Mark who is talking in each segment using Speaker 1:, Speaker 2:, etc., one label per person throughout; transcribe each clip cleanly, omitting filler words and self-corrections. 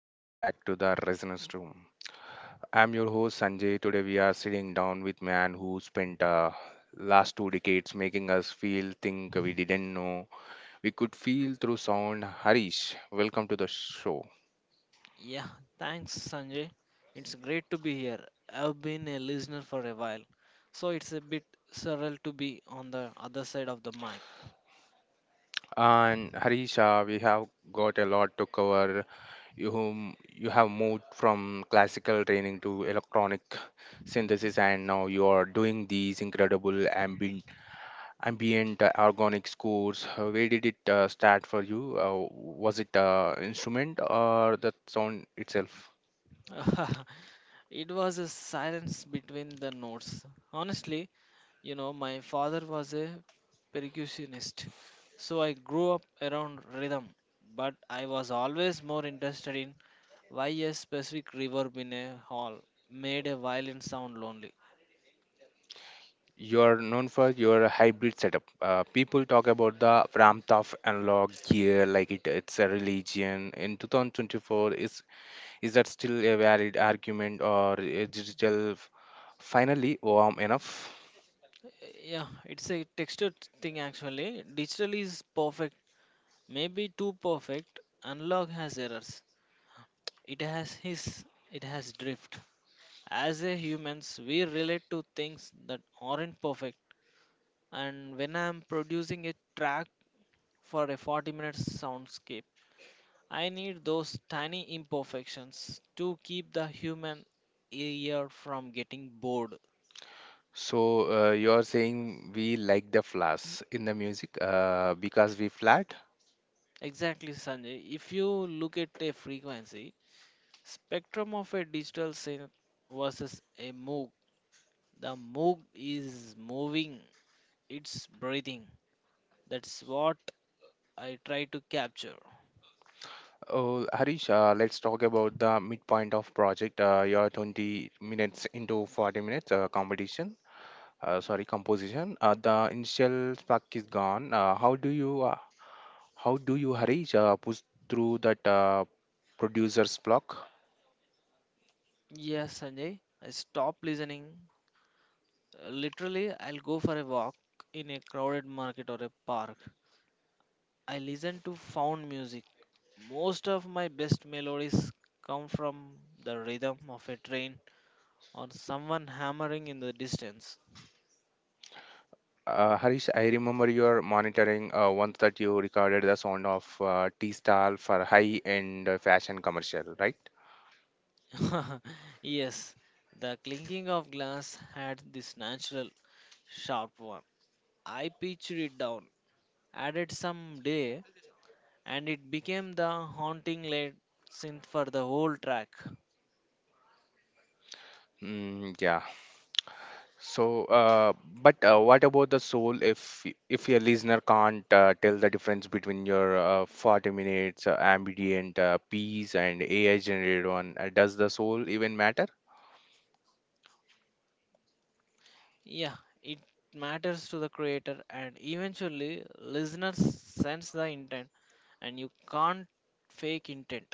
Speaker 1: Welcome back to the Resonance Room. I'm your host Sanjay. Today we are sitting down with man who spent last two decades making us feel think we didn't know we could feel through sound. Harish, welcome to the show.
Speaker 2: Yeah, thanks, Sanjay. It's great to be here. I've been a listener for a while, so it's a bit surreal to be on the other side of the mic.
Speaker 1: And Harish, we have got a lot to cover. You whom you have moved from classical training to electronic synthesis, and now you are doing these incredible ambient organic scores. Where did it start for you? Was it instrument or the sound itself?
Speaker 2: It was a silence between the notes. Honestly, my father was a percussionist, so I grew up around rhythm, but I was always more interested in why a specific reverb in a hall made a violin sound lonely.
Speaker 1: You are known for your hybrid setup. People talk about the warmth of analog gear like it's a religion in 2024. Is that still a valid argument, or is digital finally warm enough?
Speaker 2: Yeah, it's a texture thing actually. Digital is perfect, maybe too perfect. Analog has errors. It has his, it has drift. As a humans, we relate to things that aren't perfect. And when I'm producing a track for a 40-minute soundscape, I need those tiny imperfections to keep the human ear from getting bored.
Speaker 1: So you are saying we like the flash in the music because we flat?
Speaker 2: Exactly, Sanjay. If you look at a frequency, spectrum of a digital synth versus a Moog. The Moog is moving, it's breathing. That's what I try to capture.
Speaker 1: Oh, Harish, let's talk about the midpoint of project. You're 20 minutes into 40 minutes competition. Sorry, composition. The initial spark is gone. How do you, Harish, push through that producer's block?
Speaker 2: Yes, Sanjay, I stop listening. Literally, I'll go for a walk in a crowded market or a park. I listen to found music. Most of my best melodies come from the rhythm of a train or someone hammering in the distance.
Speaker 1: Harish, I remember you're monitoring once that you recorded the sound of T-Style for high-end fashion commercial, right?
Speaker 2: Yes, the clinking of glass had this natural sharp one. I pitched it down, added some day, and it became the haunting lead synth for the whole track.
Speaker 1: Mm, yeah. So, but what about the soul if if your listener can't tell the difference between your 40 minutes ambient piece and AI generated one? Does the soul even matter?
Speaker 2: Yeah, it matters to the creator, and eventually, listeners sense the intent, and you can't fake intent.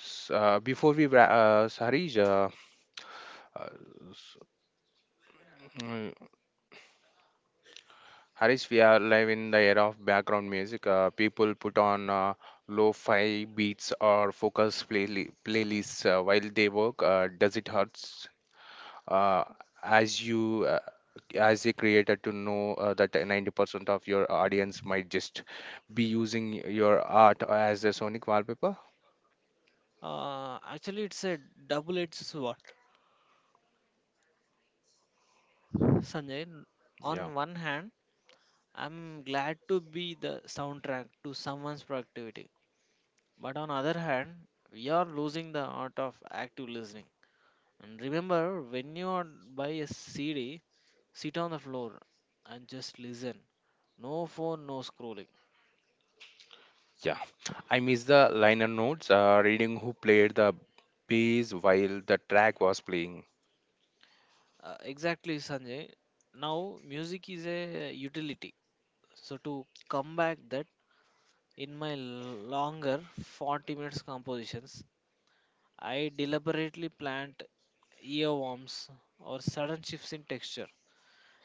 Speaker 1: S- before we, wra- s- Harish, uh, s- mm, Harish, we are live in the era of background music. People put on lo-fi beats or focus play playlists while they work. Does it hurt uh, as you uh, as a creator to know that 90% of your audience might just be using your art as a sonic wallpaper?
Speaker 2: Actually, it's a double edged sword, Sanjay.
Speaker 1: Yeah.
Speaker 2: On one hand, I'm glad to be the soundtrack to someone's productivity. But on other hand, we are losing the art of active listening. And remember, when you are buy a CD, sit on the floor and just listen. No phone, no scrolling.
Speaker 1: Yeah, I miss the liner notes, reading who played the bass while the track was playing.
Speaker 2: Exactly, Sanjay. Now, music is a utility. So to come back that in my longer 40 minutes compositions, I deliberately plant earworms or sudden shifts in texture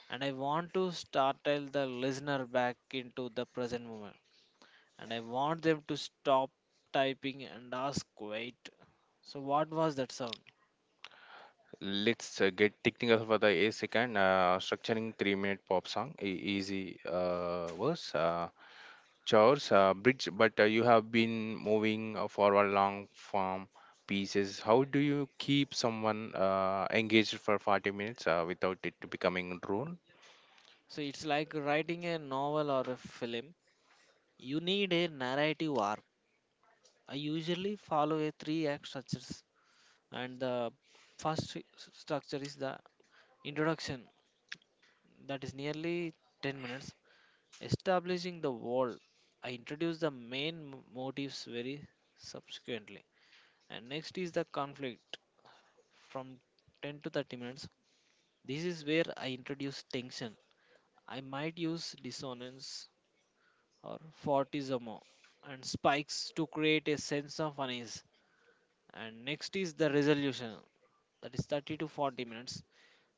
Speaker 2: and I want to startle the listener back into the present moment. And I want them to stop typing and ask, wait, so what was that sound?
Speaker 1: Let's get technical for the a second. Structuring 3 minute pop song, easy. Verse, chores, bridge, but you have been moving forward long form pieces. How do you keep someone engaged for 40 minutes without it becoming drone?
Speaker 2: So it's like writing a novel or a film. You need a narrative arc. I usually follow a three act structures, and the structure is the introduction, that is nearly 10 minutes, establishing the world. I introduce the main motives very subsequently. And next is the conflict from 10 to 30 minutes. This is where I introduce tension. I might use dissonance or fortissimo and spikes to create a sense of unease. And next is the resolution, that is 30 to 40 minutes,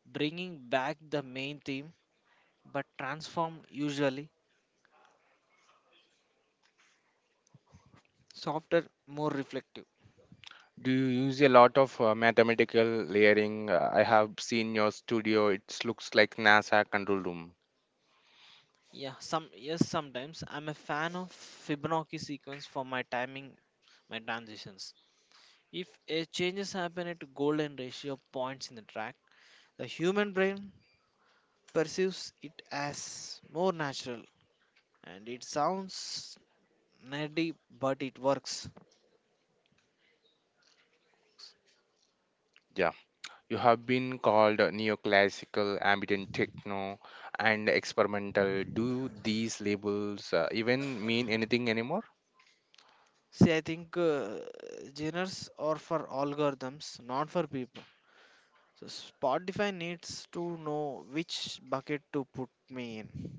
Speaker 2: bringing back the main theme but transformed usually softer, more reflective.
Speaker 1: Do you use a lot of mathematical layering? I have seen your studio. It looks like NASA control room.
Speaker 2: Yeah, some yes, sometimes I'm a fan of Fibonacci sequence for my timing, my transitions. If a changes happen at golden ratio of points in the track, the human brain perceives it as more natural and it sounds nerdy but it works.
Speaker 1: Yeah. You have been called neoclassical, ambient techno, and experimental. Do these labels even mean anything anymore?
Speaker 2: See, I think genres are for algorithms, not for people. So Spotify needs to know which bucket to put me in.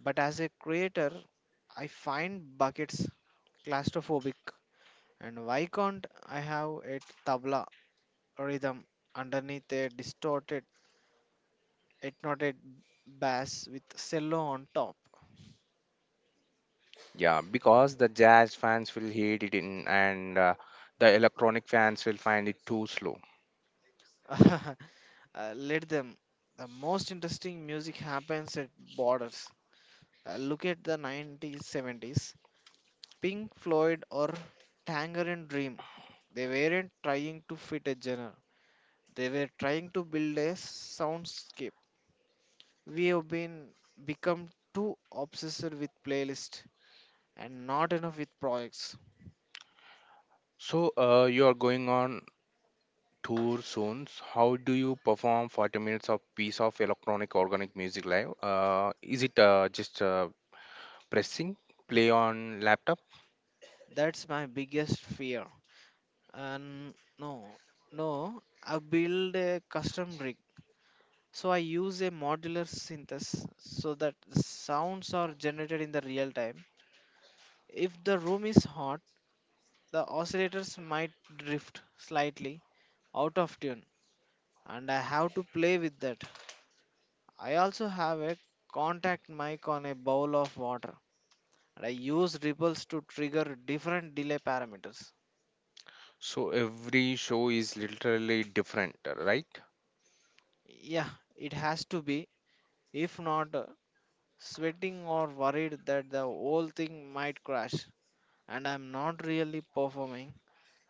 Speaker 2: But as a creator, I find buckets claustrophobic and why can't I have a tabla rhythm underneath a distorted, hypnotic bass with cello on top.
Speaker 1: Yeah, because the jazz fans will hate it in, and the electronic fans will find it too slow.
Speaker 2: Let them. The most interesting music happens at borders. Look at the 1970s. Pink Floyd or Tangerine Dream. They weren't trying to fit a genre. They were trying to build a soundscape. We have been become too obsessed with playlists and not enough with projects.
Speaker 1: So you are going on tour soon. So how do you perform 40 minutes of piece of electronic organic music live? Is it just pressing play on laptop?
Speaker 2: That's my biggest fear. And no, I build a custom rig. So I use a modular synthesis so that sounds are generated in the real time. If the room is hot, the oscillators might drift slightly out of tune, and I have to play with that. I also have a contact mic on a bowl of water, and I use ripples to trigger different delay parameters.
Speaker 1: So every show is literally different, right?
Speaker 2: Yeah, it has to be. If not, sweating or worried that the whole thing might crash and I'm not really performing,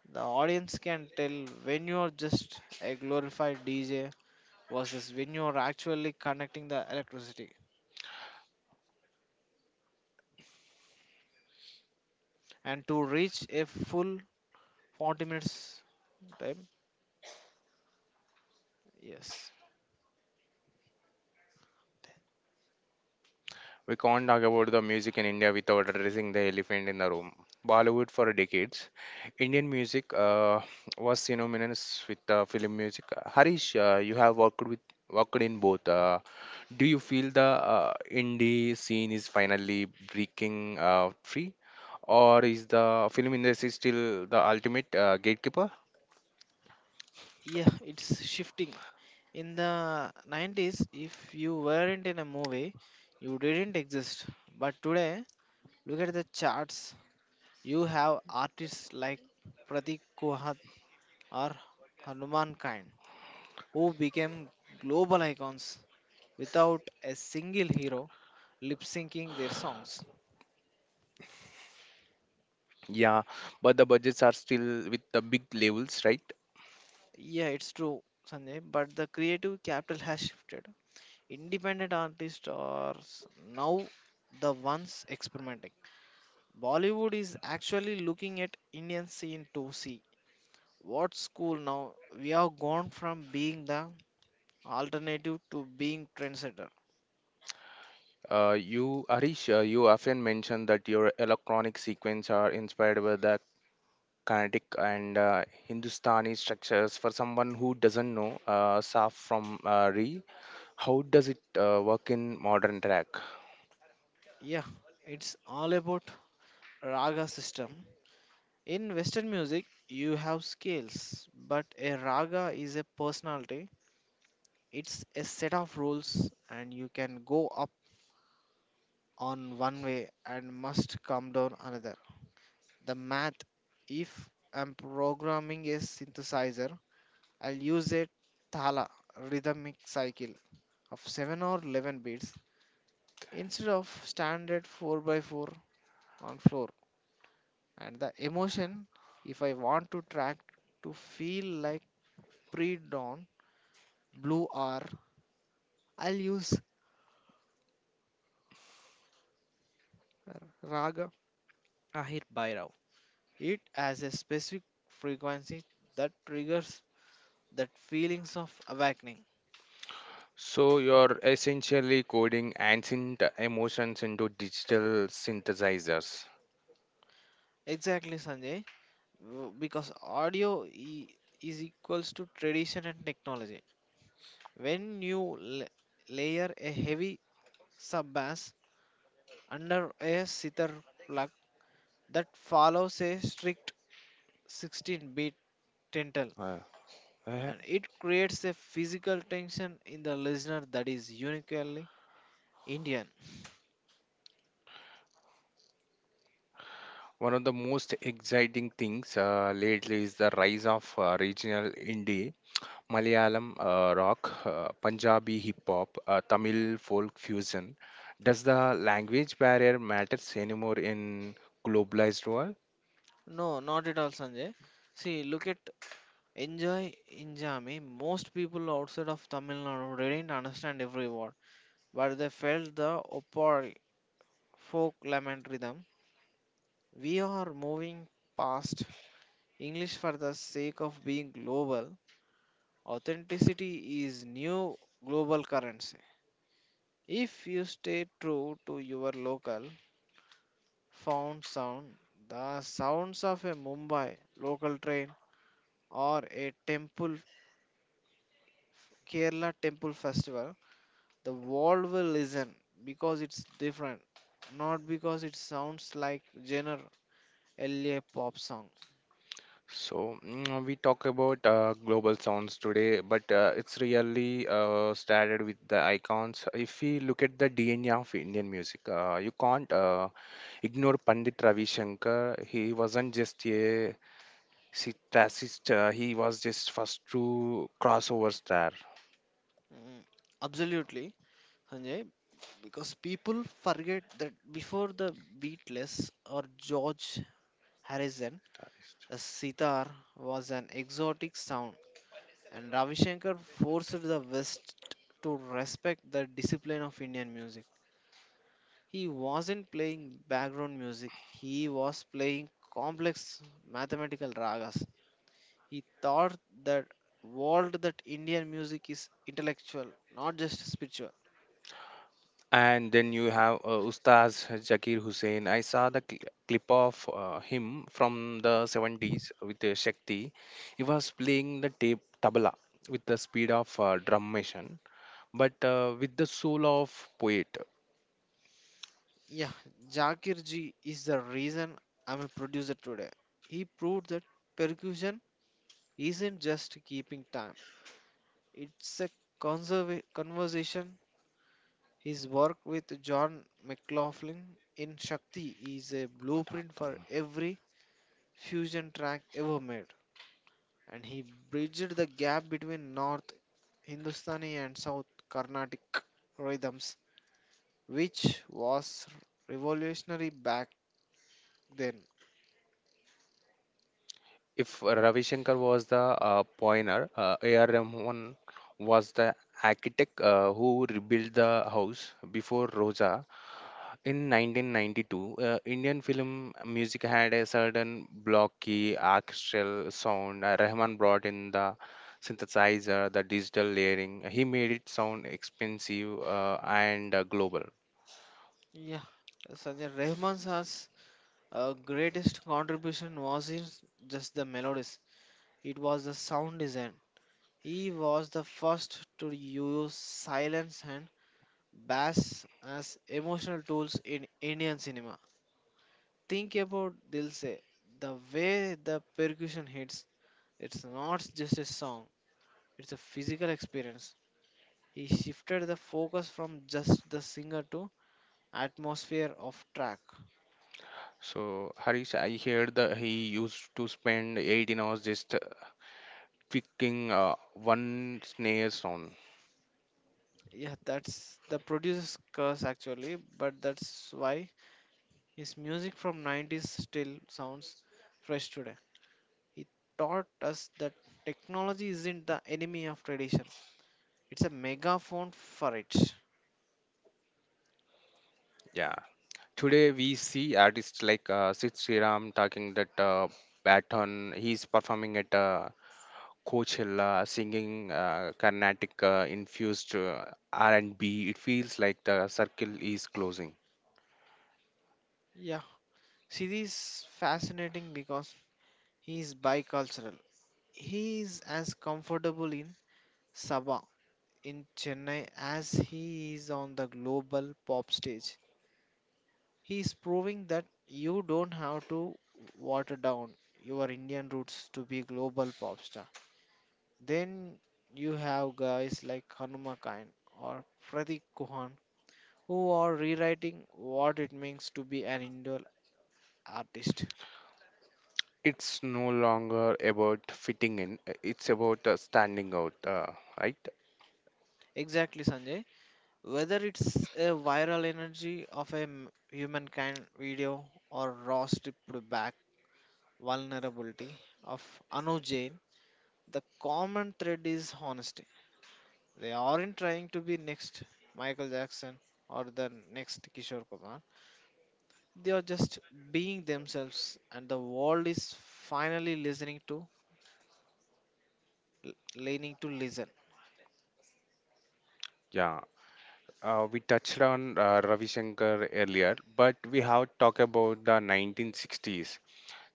Speaker 2: the audience can tell when you're just a glorified DJ versus when you're actually connecting the electricity. And to reach a full 40 minutes time, yes.
Speaker 1: We can't talk about the music in India without addressing the elephant in the room. Bollywood for decades, Indian music was synonymous with film music. Harish, you have worked in both. Do you feel the indie scene is finally breaking free, or is the film industry still the ultimate gatekeeper?
Speaker 2: Yeah, it's shifting. In the 90s, if you weren't in a movie, you didn't exist. But today, look at the charts. You have artists like Pratik Kuhat or Hanuman Kind who became global icons without a single hero lip syncing their songs.
Speaker 1: Yeah, but the budgets are still with the big labels, right?
Speaker 2: Yeah, it's true, Sanjay, but the creative capital has shifted. Independent artists are s- now the ones experimenting. Bollywood is actually looking at Indian scene to see what's cool now. We have gone from being the alternative to being trendsetter.
Speaker 1: You, Arish, you often mention that your electronic sequence are inspired by the kinetic and Hindustani structures. For someone who doesn't know Saaf from Re, how does it work in modern track?
Speaker 2: Yeah, it's all about raga system. In Western music, you have scales, but a raga is a personality. It's a set of rules, and you can go up on one way and must come down another. The math, if I'm programming a synthesizer, I'll use a thala rhythmic cycle of 7 or 11 beats instead of standard 4 by 4 on floor. And the emotion, if I want to track to feel like pre-dawn blue hour, I'll use raga ahir bhairav. It has a specific frequency that triggers that feelings of awakening.
Speaker 1: So you're essentially coding ancient emotions into digital synthesizers.
Speaker 2: Exactly, Sanjay. Because audio is equals to tradition and technology when you la- layer a heavy sub bass under a sitar plug that follows a strict 16 beat dental
Speaker 1: Uh, uh,
Speaker 2: and it creates a physical tension in the listener that is uniquely Indian.
Speaker 1: One of the most exciting things lately is the rise of regional indie Malayalam rock, Punjabi hip hop, Tamil folk fusion. Does the language barrier matters anymore in globalized world?
Speaker 2: No, not at all, Sanjay. See, look at Enjoy Injami. Most people outside of Tamil Nadu didn't understand every word, but they felt the opal folk lament rhythm. We are moving past English for the sake of being global. Authenticity is new global currency. If you stay true to your local, found sound, the sounds of a Mumbai local train or a temple Kerala temple festival, the world will listen because it's different, not because it sounds like genre LA pop song.
Speaker 1: So mm, we talk about global sounds today, but it's really started with the icons. If we look at the DNA of Indian music, you can't ignore Pandit Ravi Shankar. He wasn't just a sitarist; he was just first true crossover star.
Speaker 2: Mm, absolutely, Sanjay, because people forget that before the Beatles or George Harrison,
Speaker 1: Guitarist.
Speaker 2: the sitar was an exotic sound. And Ravi Shankar forced the West to respect the discipline of Indian music. He wasn't playing background music, he was playing complex mathematical ragas. He thought that world that Indian music is intellectual, not just spiritual.
Speaker 1: And then you have Ustaz Zakir Hussain. I saw the clip of him from the 70s with Shakti. He was playing the tape tabla with the speed of drum machine, but with the soul of poet.
Speaker 2: Yeah, Jakir Ji is the reason I'm a producer today. He proved that percussion isn't just keeping time, it's a conversation. His work with John McLaughlin in Shakti is a blueprint for every fusion track ever made, and he bridged the gap between North Hindustani and South Carnatic rhythms, which was revolutionary back then.
Speaker 1: If Ravi Shankar was the pioneer, A.R. Rahman was the architect who rebuilt the house before Rosa. In 1992, Indian film music had a certain blocky orchestral sound. Rahman brought in the synthesizer, the digital layering. He made it sound expensive and global.
Speaker 2: Yeah, Sanjay Rahman's has, greatest contribution wasn't just the melodies; it was the sound design. He was the first to use silence and bass as emotional tools in Indian cinema. Think about Dilse, the way the percussion hits, it's not just a song, it's a physical experience. He shifted the focus from just the singer to atmosphere of track.
Speaker 1: So Harish, I heard that he used to spend 18 hours just picking one snare sound.
Speaker 2: Yeah, that's the producer's curse actually, but that's why his music from 90s still sounds fresh today. He taught us that technology isn't the enemy of tradition. It's a megaphone for it.
Speaker 1: Yeah. Today we see artists like Sid Sriram talking that baton. He's performing at Coachella singing Carnatic infused R&B. It feels like the circle is closing.
Speaker 2: Yeah. Siri is fascinating because he is bicultural. He is as comfortable in Sabah in Chennai as he is on the global pop stage. He is proving that you don't have to water down your Indian roots to be global pop star. Then you have guys like Hanuma Kain or Pratik Kuhan who are rewriting what it means to be an Indian artist.
Speaker 1: It's no longer about fitting in; it's about standing out, right?
Speaker 2: Exactly, Sanjay. Whether it's a viral energy of a humankind video or raw stripped back vulnerability of Anu Jain, the common thread is honesty. They aren't trying to be next Michael Jackson or the next Kishore Kumar. They are just being themselves, and the world is finally listening to, leaning to listen.
Speaker 1: Yeah. We touched on Ravi Shankar earlier, but we have talked about the 1960s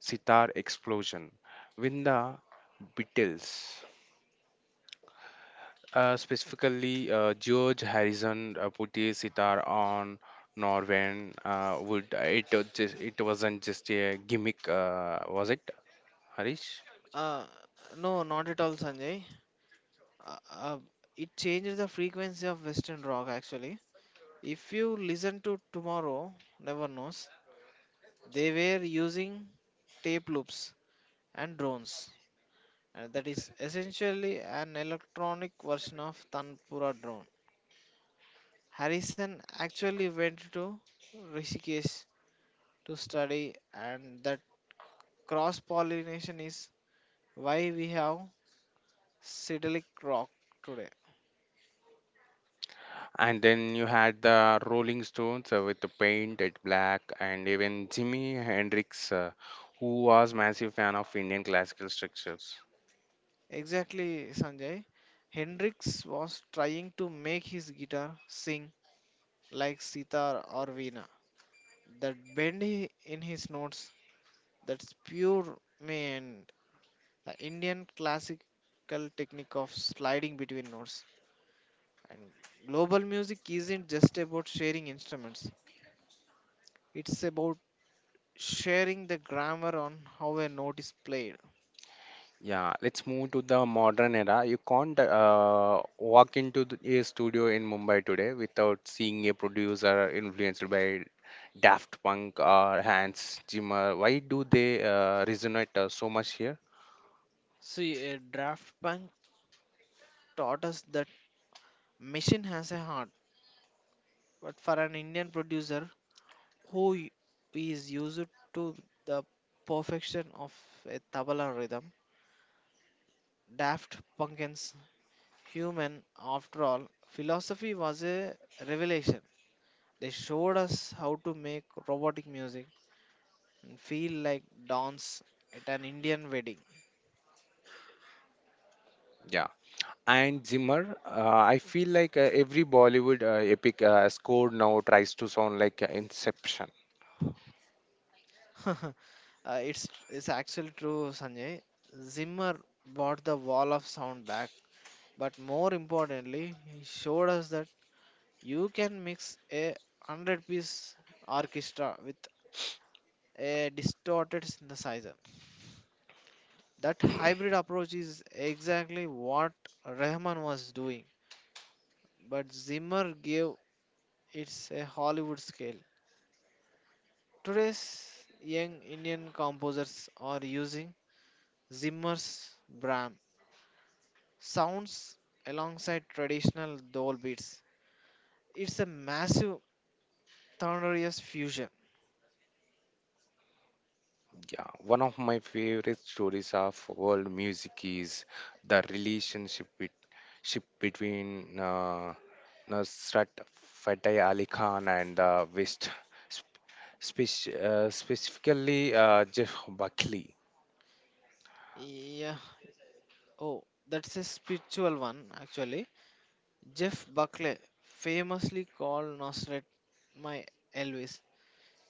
Speaker 1: sitar explosion. When the Beatles, specifically, George Harrison put his sitar on Norwegian wood. It was just, it wasn't just a gimmick, was it, Harish?
Speaker 2: Uh, no, not at all, Sanjay. uh, uh, it changes the frequency of western rock actually. If you listen to tomorrow never knows, they were using tape loops and drones, and that is essentially an electronic version of tanpura drone. Harrison actually went to Rishikesh to study, and that cross pollination is why we have psychedelic rock today.
Speaker 1: And then you had the Rolling Stones with the painted black, and even Jimi Hendrix, who was massive fan of Indian classical structures.
Speaker 2: Exactly, Sanjay. Hendrix was trying to make his guitar sing like sitar or veena. That in his notes, that's pure and the Indian classical technique of sliding between notes. And global music isn't just about sharing instruments, it's about sharing the grammar on how a note is played.
Speaker 1: Yeah, let's move to the modern era. You can't walk into a studio in Mumbai today without seeing a producer influenced by Daft Punk or Hans Zimmer. Why do they resonate so much here?
Speaker 2: See, a draft bank taught us that machine has a heart, but for an Indian producer, who y- is used to the perfection of a tabla rhythm. Daft Punk's human, after all, philosophy was a revelation. They showed us how to make robotic music and feel like dance at an Indian wedding.
Speaker 1: Yeah. And Zimmer, I feel like every Bollywood epic score now tries to sound like Inception.
Speaker 2: It's actually true, Sanjay. Zimmer brought the wall of sound back, but more importantly, he showed us that you can mix a 100-piece orchestra with a distorted synthesizer. That hybrid approach is exactly what Rahman was doing, but Zimmer gave it a Hollywood scale. Today's young Indian composers are using Zimmer's Brahm sounds alongside traditional Dole beats. It's a massive, thunderous fusion.
Speaker 1: Yeah, one of my favorite stories of world music is the relationship with ship between Nusrat Fateh Ali Khan and the West, specifically Jeff Buckley.
Speaker 2: Yeah. Oh, that's a spiritual one actually. Jeff Buckley famously called Nosrat my Elvis.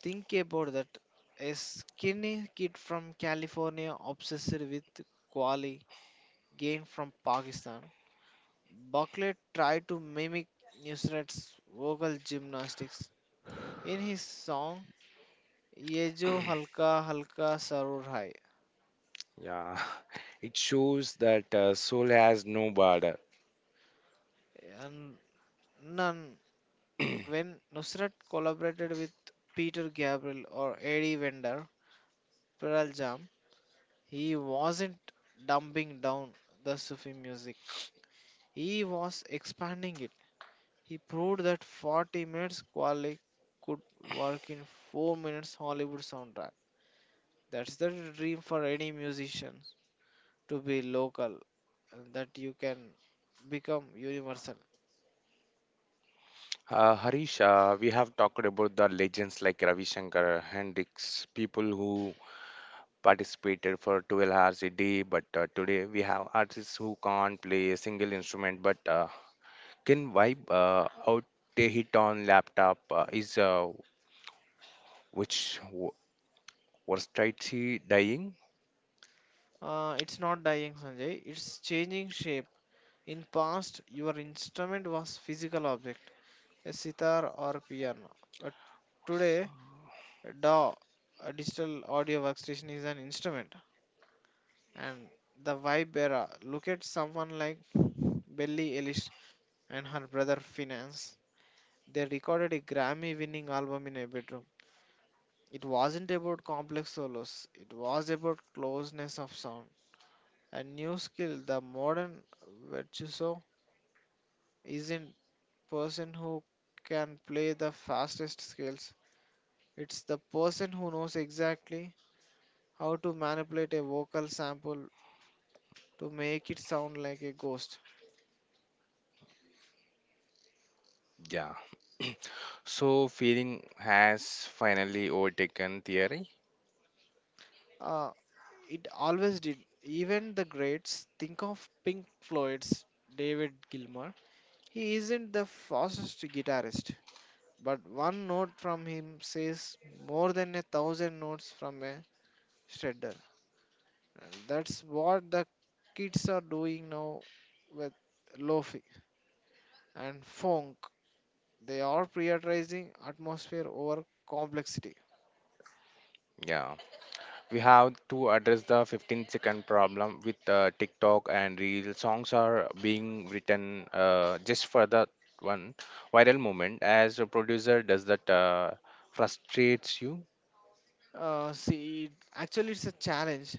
Speaker 2: Think about that. A skinny kid from California obsessed with quality gained from Pakistan. Buckley tried to mimic Nusrat's vocal gymnastics in his song Ye Jo Halka Halka Sarur Hai.
Speaker 1: Yeah, it shows that soul has no border.
Speaker 2: And none, when Nusrat collaborated with Peter Gabriel or Eddie Vedder, Pearl Jam, he wasn't dumbing down the Sufi music. He was expanding it. He proved that 40 minutes Kwale could work in 4 minutes Hollywood soundtrack. That's the dream for any musician, to be local, and that you can become universal.
Speaker 1: Harish, we have talked about the legends like Ravi Shankar, Hendrix, people who participated for 12 hours a day. But today we have artists who can't play a single instrument but can vibe out a hit on laptop. Is which versatility dying?
Speaker 2: It's not dying, Sanjay. It's changing shape. In past, your instrument was physical object, a sitar or piano. But today, DAW, a digital audio workstation, is an instrument. And the vibe era, look at someone like Billie Eilish and her brother Finance. They recorded a Grammy winning album in a bedroom. It wasn't about complex solos, it was about closeness of sound. A new skill, the modern virtuoso, isn't person who can play the fastest scales. It's the person who knows exactly how to manipulate a vocal sample to make it sound like a ghost.
Speaker 1: Yeah. So feeling has finally overtaken theory.
Speaker 2: Uh, it always did. Even the greats think of Pink Floyd's David Gilmour. He isn't the fastest guitarist, but one note from him says more than a thousand notes from a shredder. And that's what the kids are doing now with lofi and funk. They are prioritizing atmosphere over complexity.
Speaker 1: Yeah. We have to address the 15-second problem with TikTok and real songs are being written just for the one viral moment. As a producer, does that frustrates you?
Speaker 2: Actually, it's a challenge.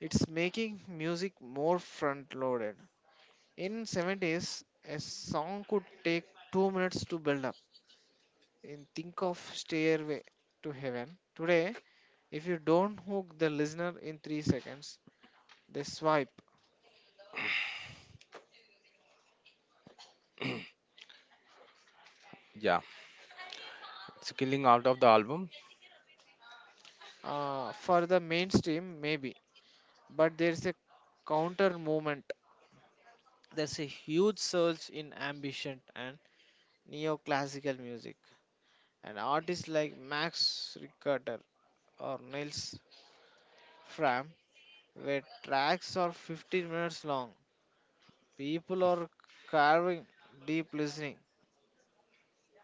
Speaker 2: It's making music more front loaded. In 70s, a song could take 2 minutes to build up. In think of Stairway to Heaven. Today, if you don't hook the listener in 3 seconds, they swipe.
Speaker 1: Yeah. It's killing out of the album.
Speaker 2: For the mainstream, maybe, but there's a counter movement. There's a huge surge in ambient and neoclassical music, and artists like Max Richter or Nils Fram where tracks are 15 minutes long. People are carving deep listening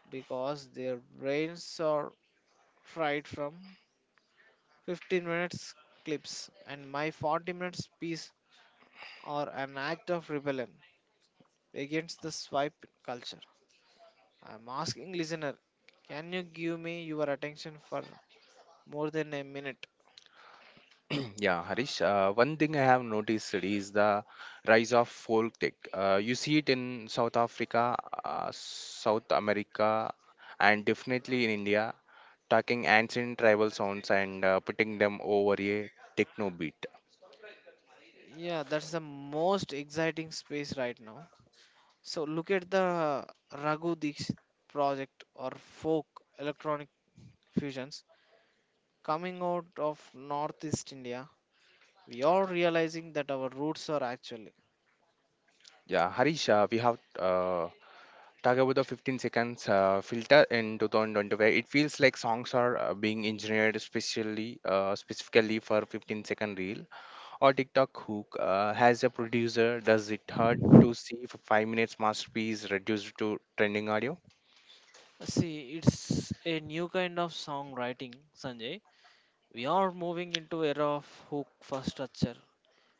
Speaker 2: because their brains are fried from 15 minutes clips, and my 40 minutes piece are an act of rebellion against the swipe culture. I'm asking listener, can you give me your attention for more than a minute?
Speaker 1: Yeah, Harish. One thing I have noticed is the rise of folk tech. You see it in South Africa, South America, and definitely in India, talking ancient tribal sounds and putting them over a techno beat.
Speaker 2: Yeah, that's the most exciting space right now. So look at the Raghu Dixit project or folk electronic fusions coming out of Northeast India. We are realizing that our roots are actually.
Speaker 1: Yeah, Harish, we have talked about the 15 seconds filter in 2025. It feels like songs are being engineered specifically for 15-second reel or TikTok hook. Has a producer. Does it hurt to see 5 minutes masterpiece reduced to trending audio?
Speaker 2: See, it's a new kind of songwriting, Sanjay. We are moving into era of hook for structure.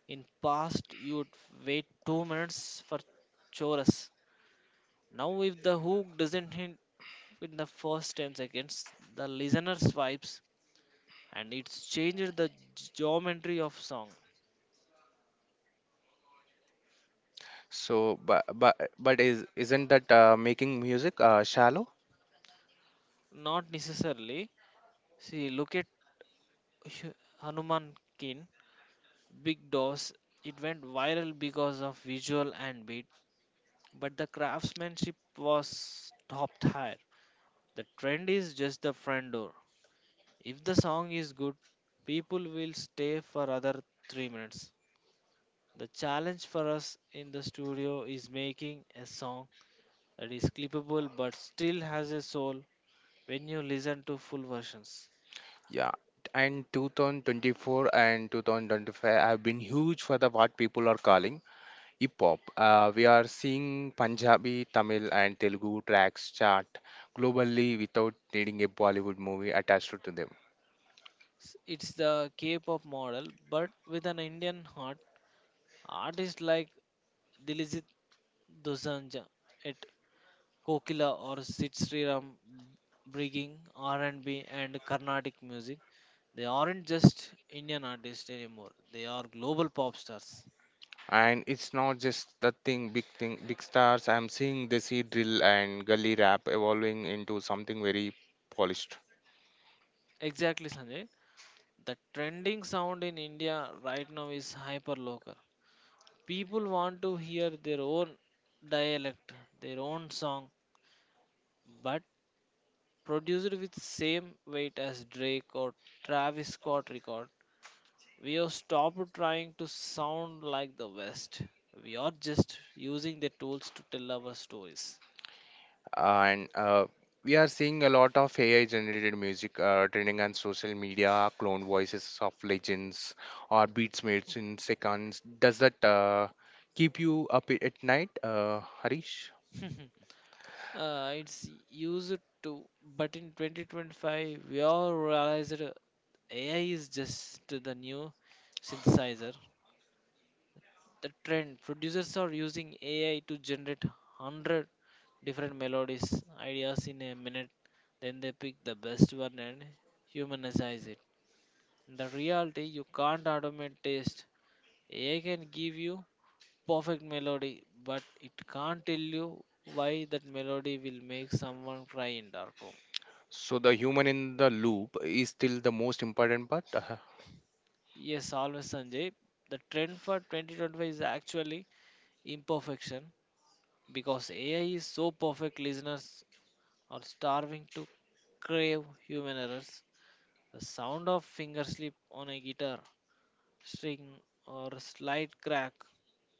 Speaker 2: In past, you'd wait 2 minutes for chorus. Now, if the hook doesn't hit in the first 10 seconds, the listener swipes, and it's changed the geometry of song.
Speaker 1: So, but is isn't that making music shallow?
Speaker 2: Not necessarily, see, look at Hu- hanuman kin big doors. It went viral because of visual and beat, but the craftsmanship was topped higher. The trend is just the front door. If the song is good, people will stay for other 3 minutes. The challenge for us in the studio is making a song that is clippable but still has a soul when you listen to full versions.
Speaker 1: Yeah. And 2024 and 2025 have been huge for the what people are calling hip hop. We are seeing Punjabi, Tamil, and Telugu tracks chart globally without needing a Bollywood movie attached to them.
Speaker 2: It's the K-pop model, but with an Indian heart. Artists like Diljit Dosanjh at Kokila or Sit Sriram bringing R&B and B and Carnatic music. They aren't just Indian artists anymore. They are global pop stars.
Speaker 1: And it's not just the thing big stars. I'm seeing the sea drill and gully rap evolving into something very polished.
Speaker 2: Exactly, Sanjay. The trending sound in India right now is hyper local. People want to hear their own dialect, their own song, but produced with same weight as Drake or Travis Scott record. We have stopped trying to sound like the West. We are just using the tools to tell our stories.
Speaker 1: And we are seeing a lot of ai generated music trending on social media, clone voices of legends or beats made in seconds. Does that keep you up at night, harish?
Speaker 2: It's used to, but in 2025, we all realized AI is just the new synthesizer. The trend producers are using AI to generate 100 different melodies ideas in a minute, then they pick the best one and humanize it. In the reality, you can't automate taste. AI can give you perfect melody, but it can't tell you why that melody will make someone cry in dark room.
Speaker 1: So the human in the loop is still the most important part.
Speaker 2: Yes, always, Sanjay. The trend for 2025 is actually imperfection, because AI is so perfect listeners or starving to crave human errors. The sound of finger slip on a guitar string or a slight crack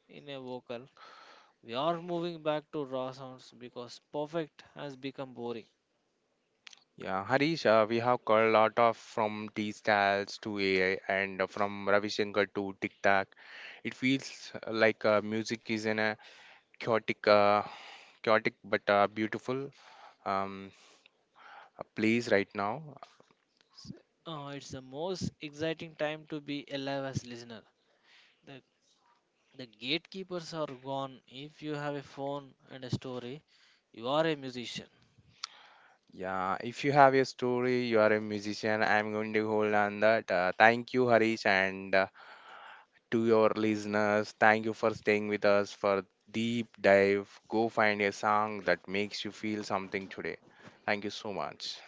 Speaker 2: in a vocal. We are moving back to raw sounds because perfect has become boring.
Speaker 1: Yeah, Harish, we have got a lot of from T styles to AI and from Ravi Shankar to Tic Tac. It feels like music is in a chaotic, uh, chaotic but beautiful um, place right now.
Speaker 2: S- it's the most exciting time to be alive as listener. The, the gatekeepers are gone. If you have a phone and a story, you are a musician.
Speaker 1: Yeah, if you have a story, you are a musician. I'm going to hold on that. Thank you, Harish, and to your listeners, thank you for staying with us for deep dive. Go find a song that makes you feel something today. Thank you so much.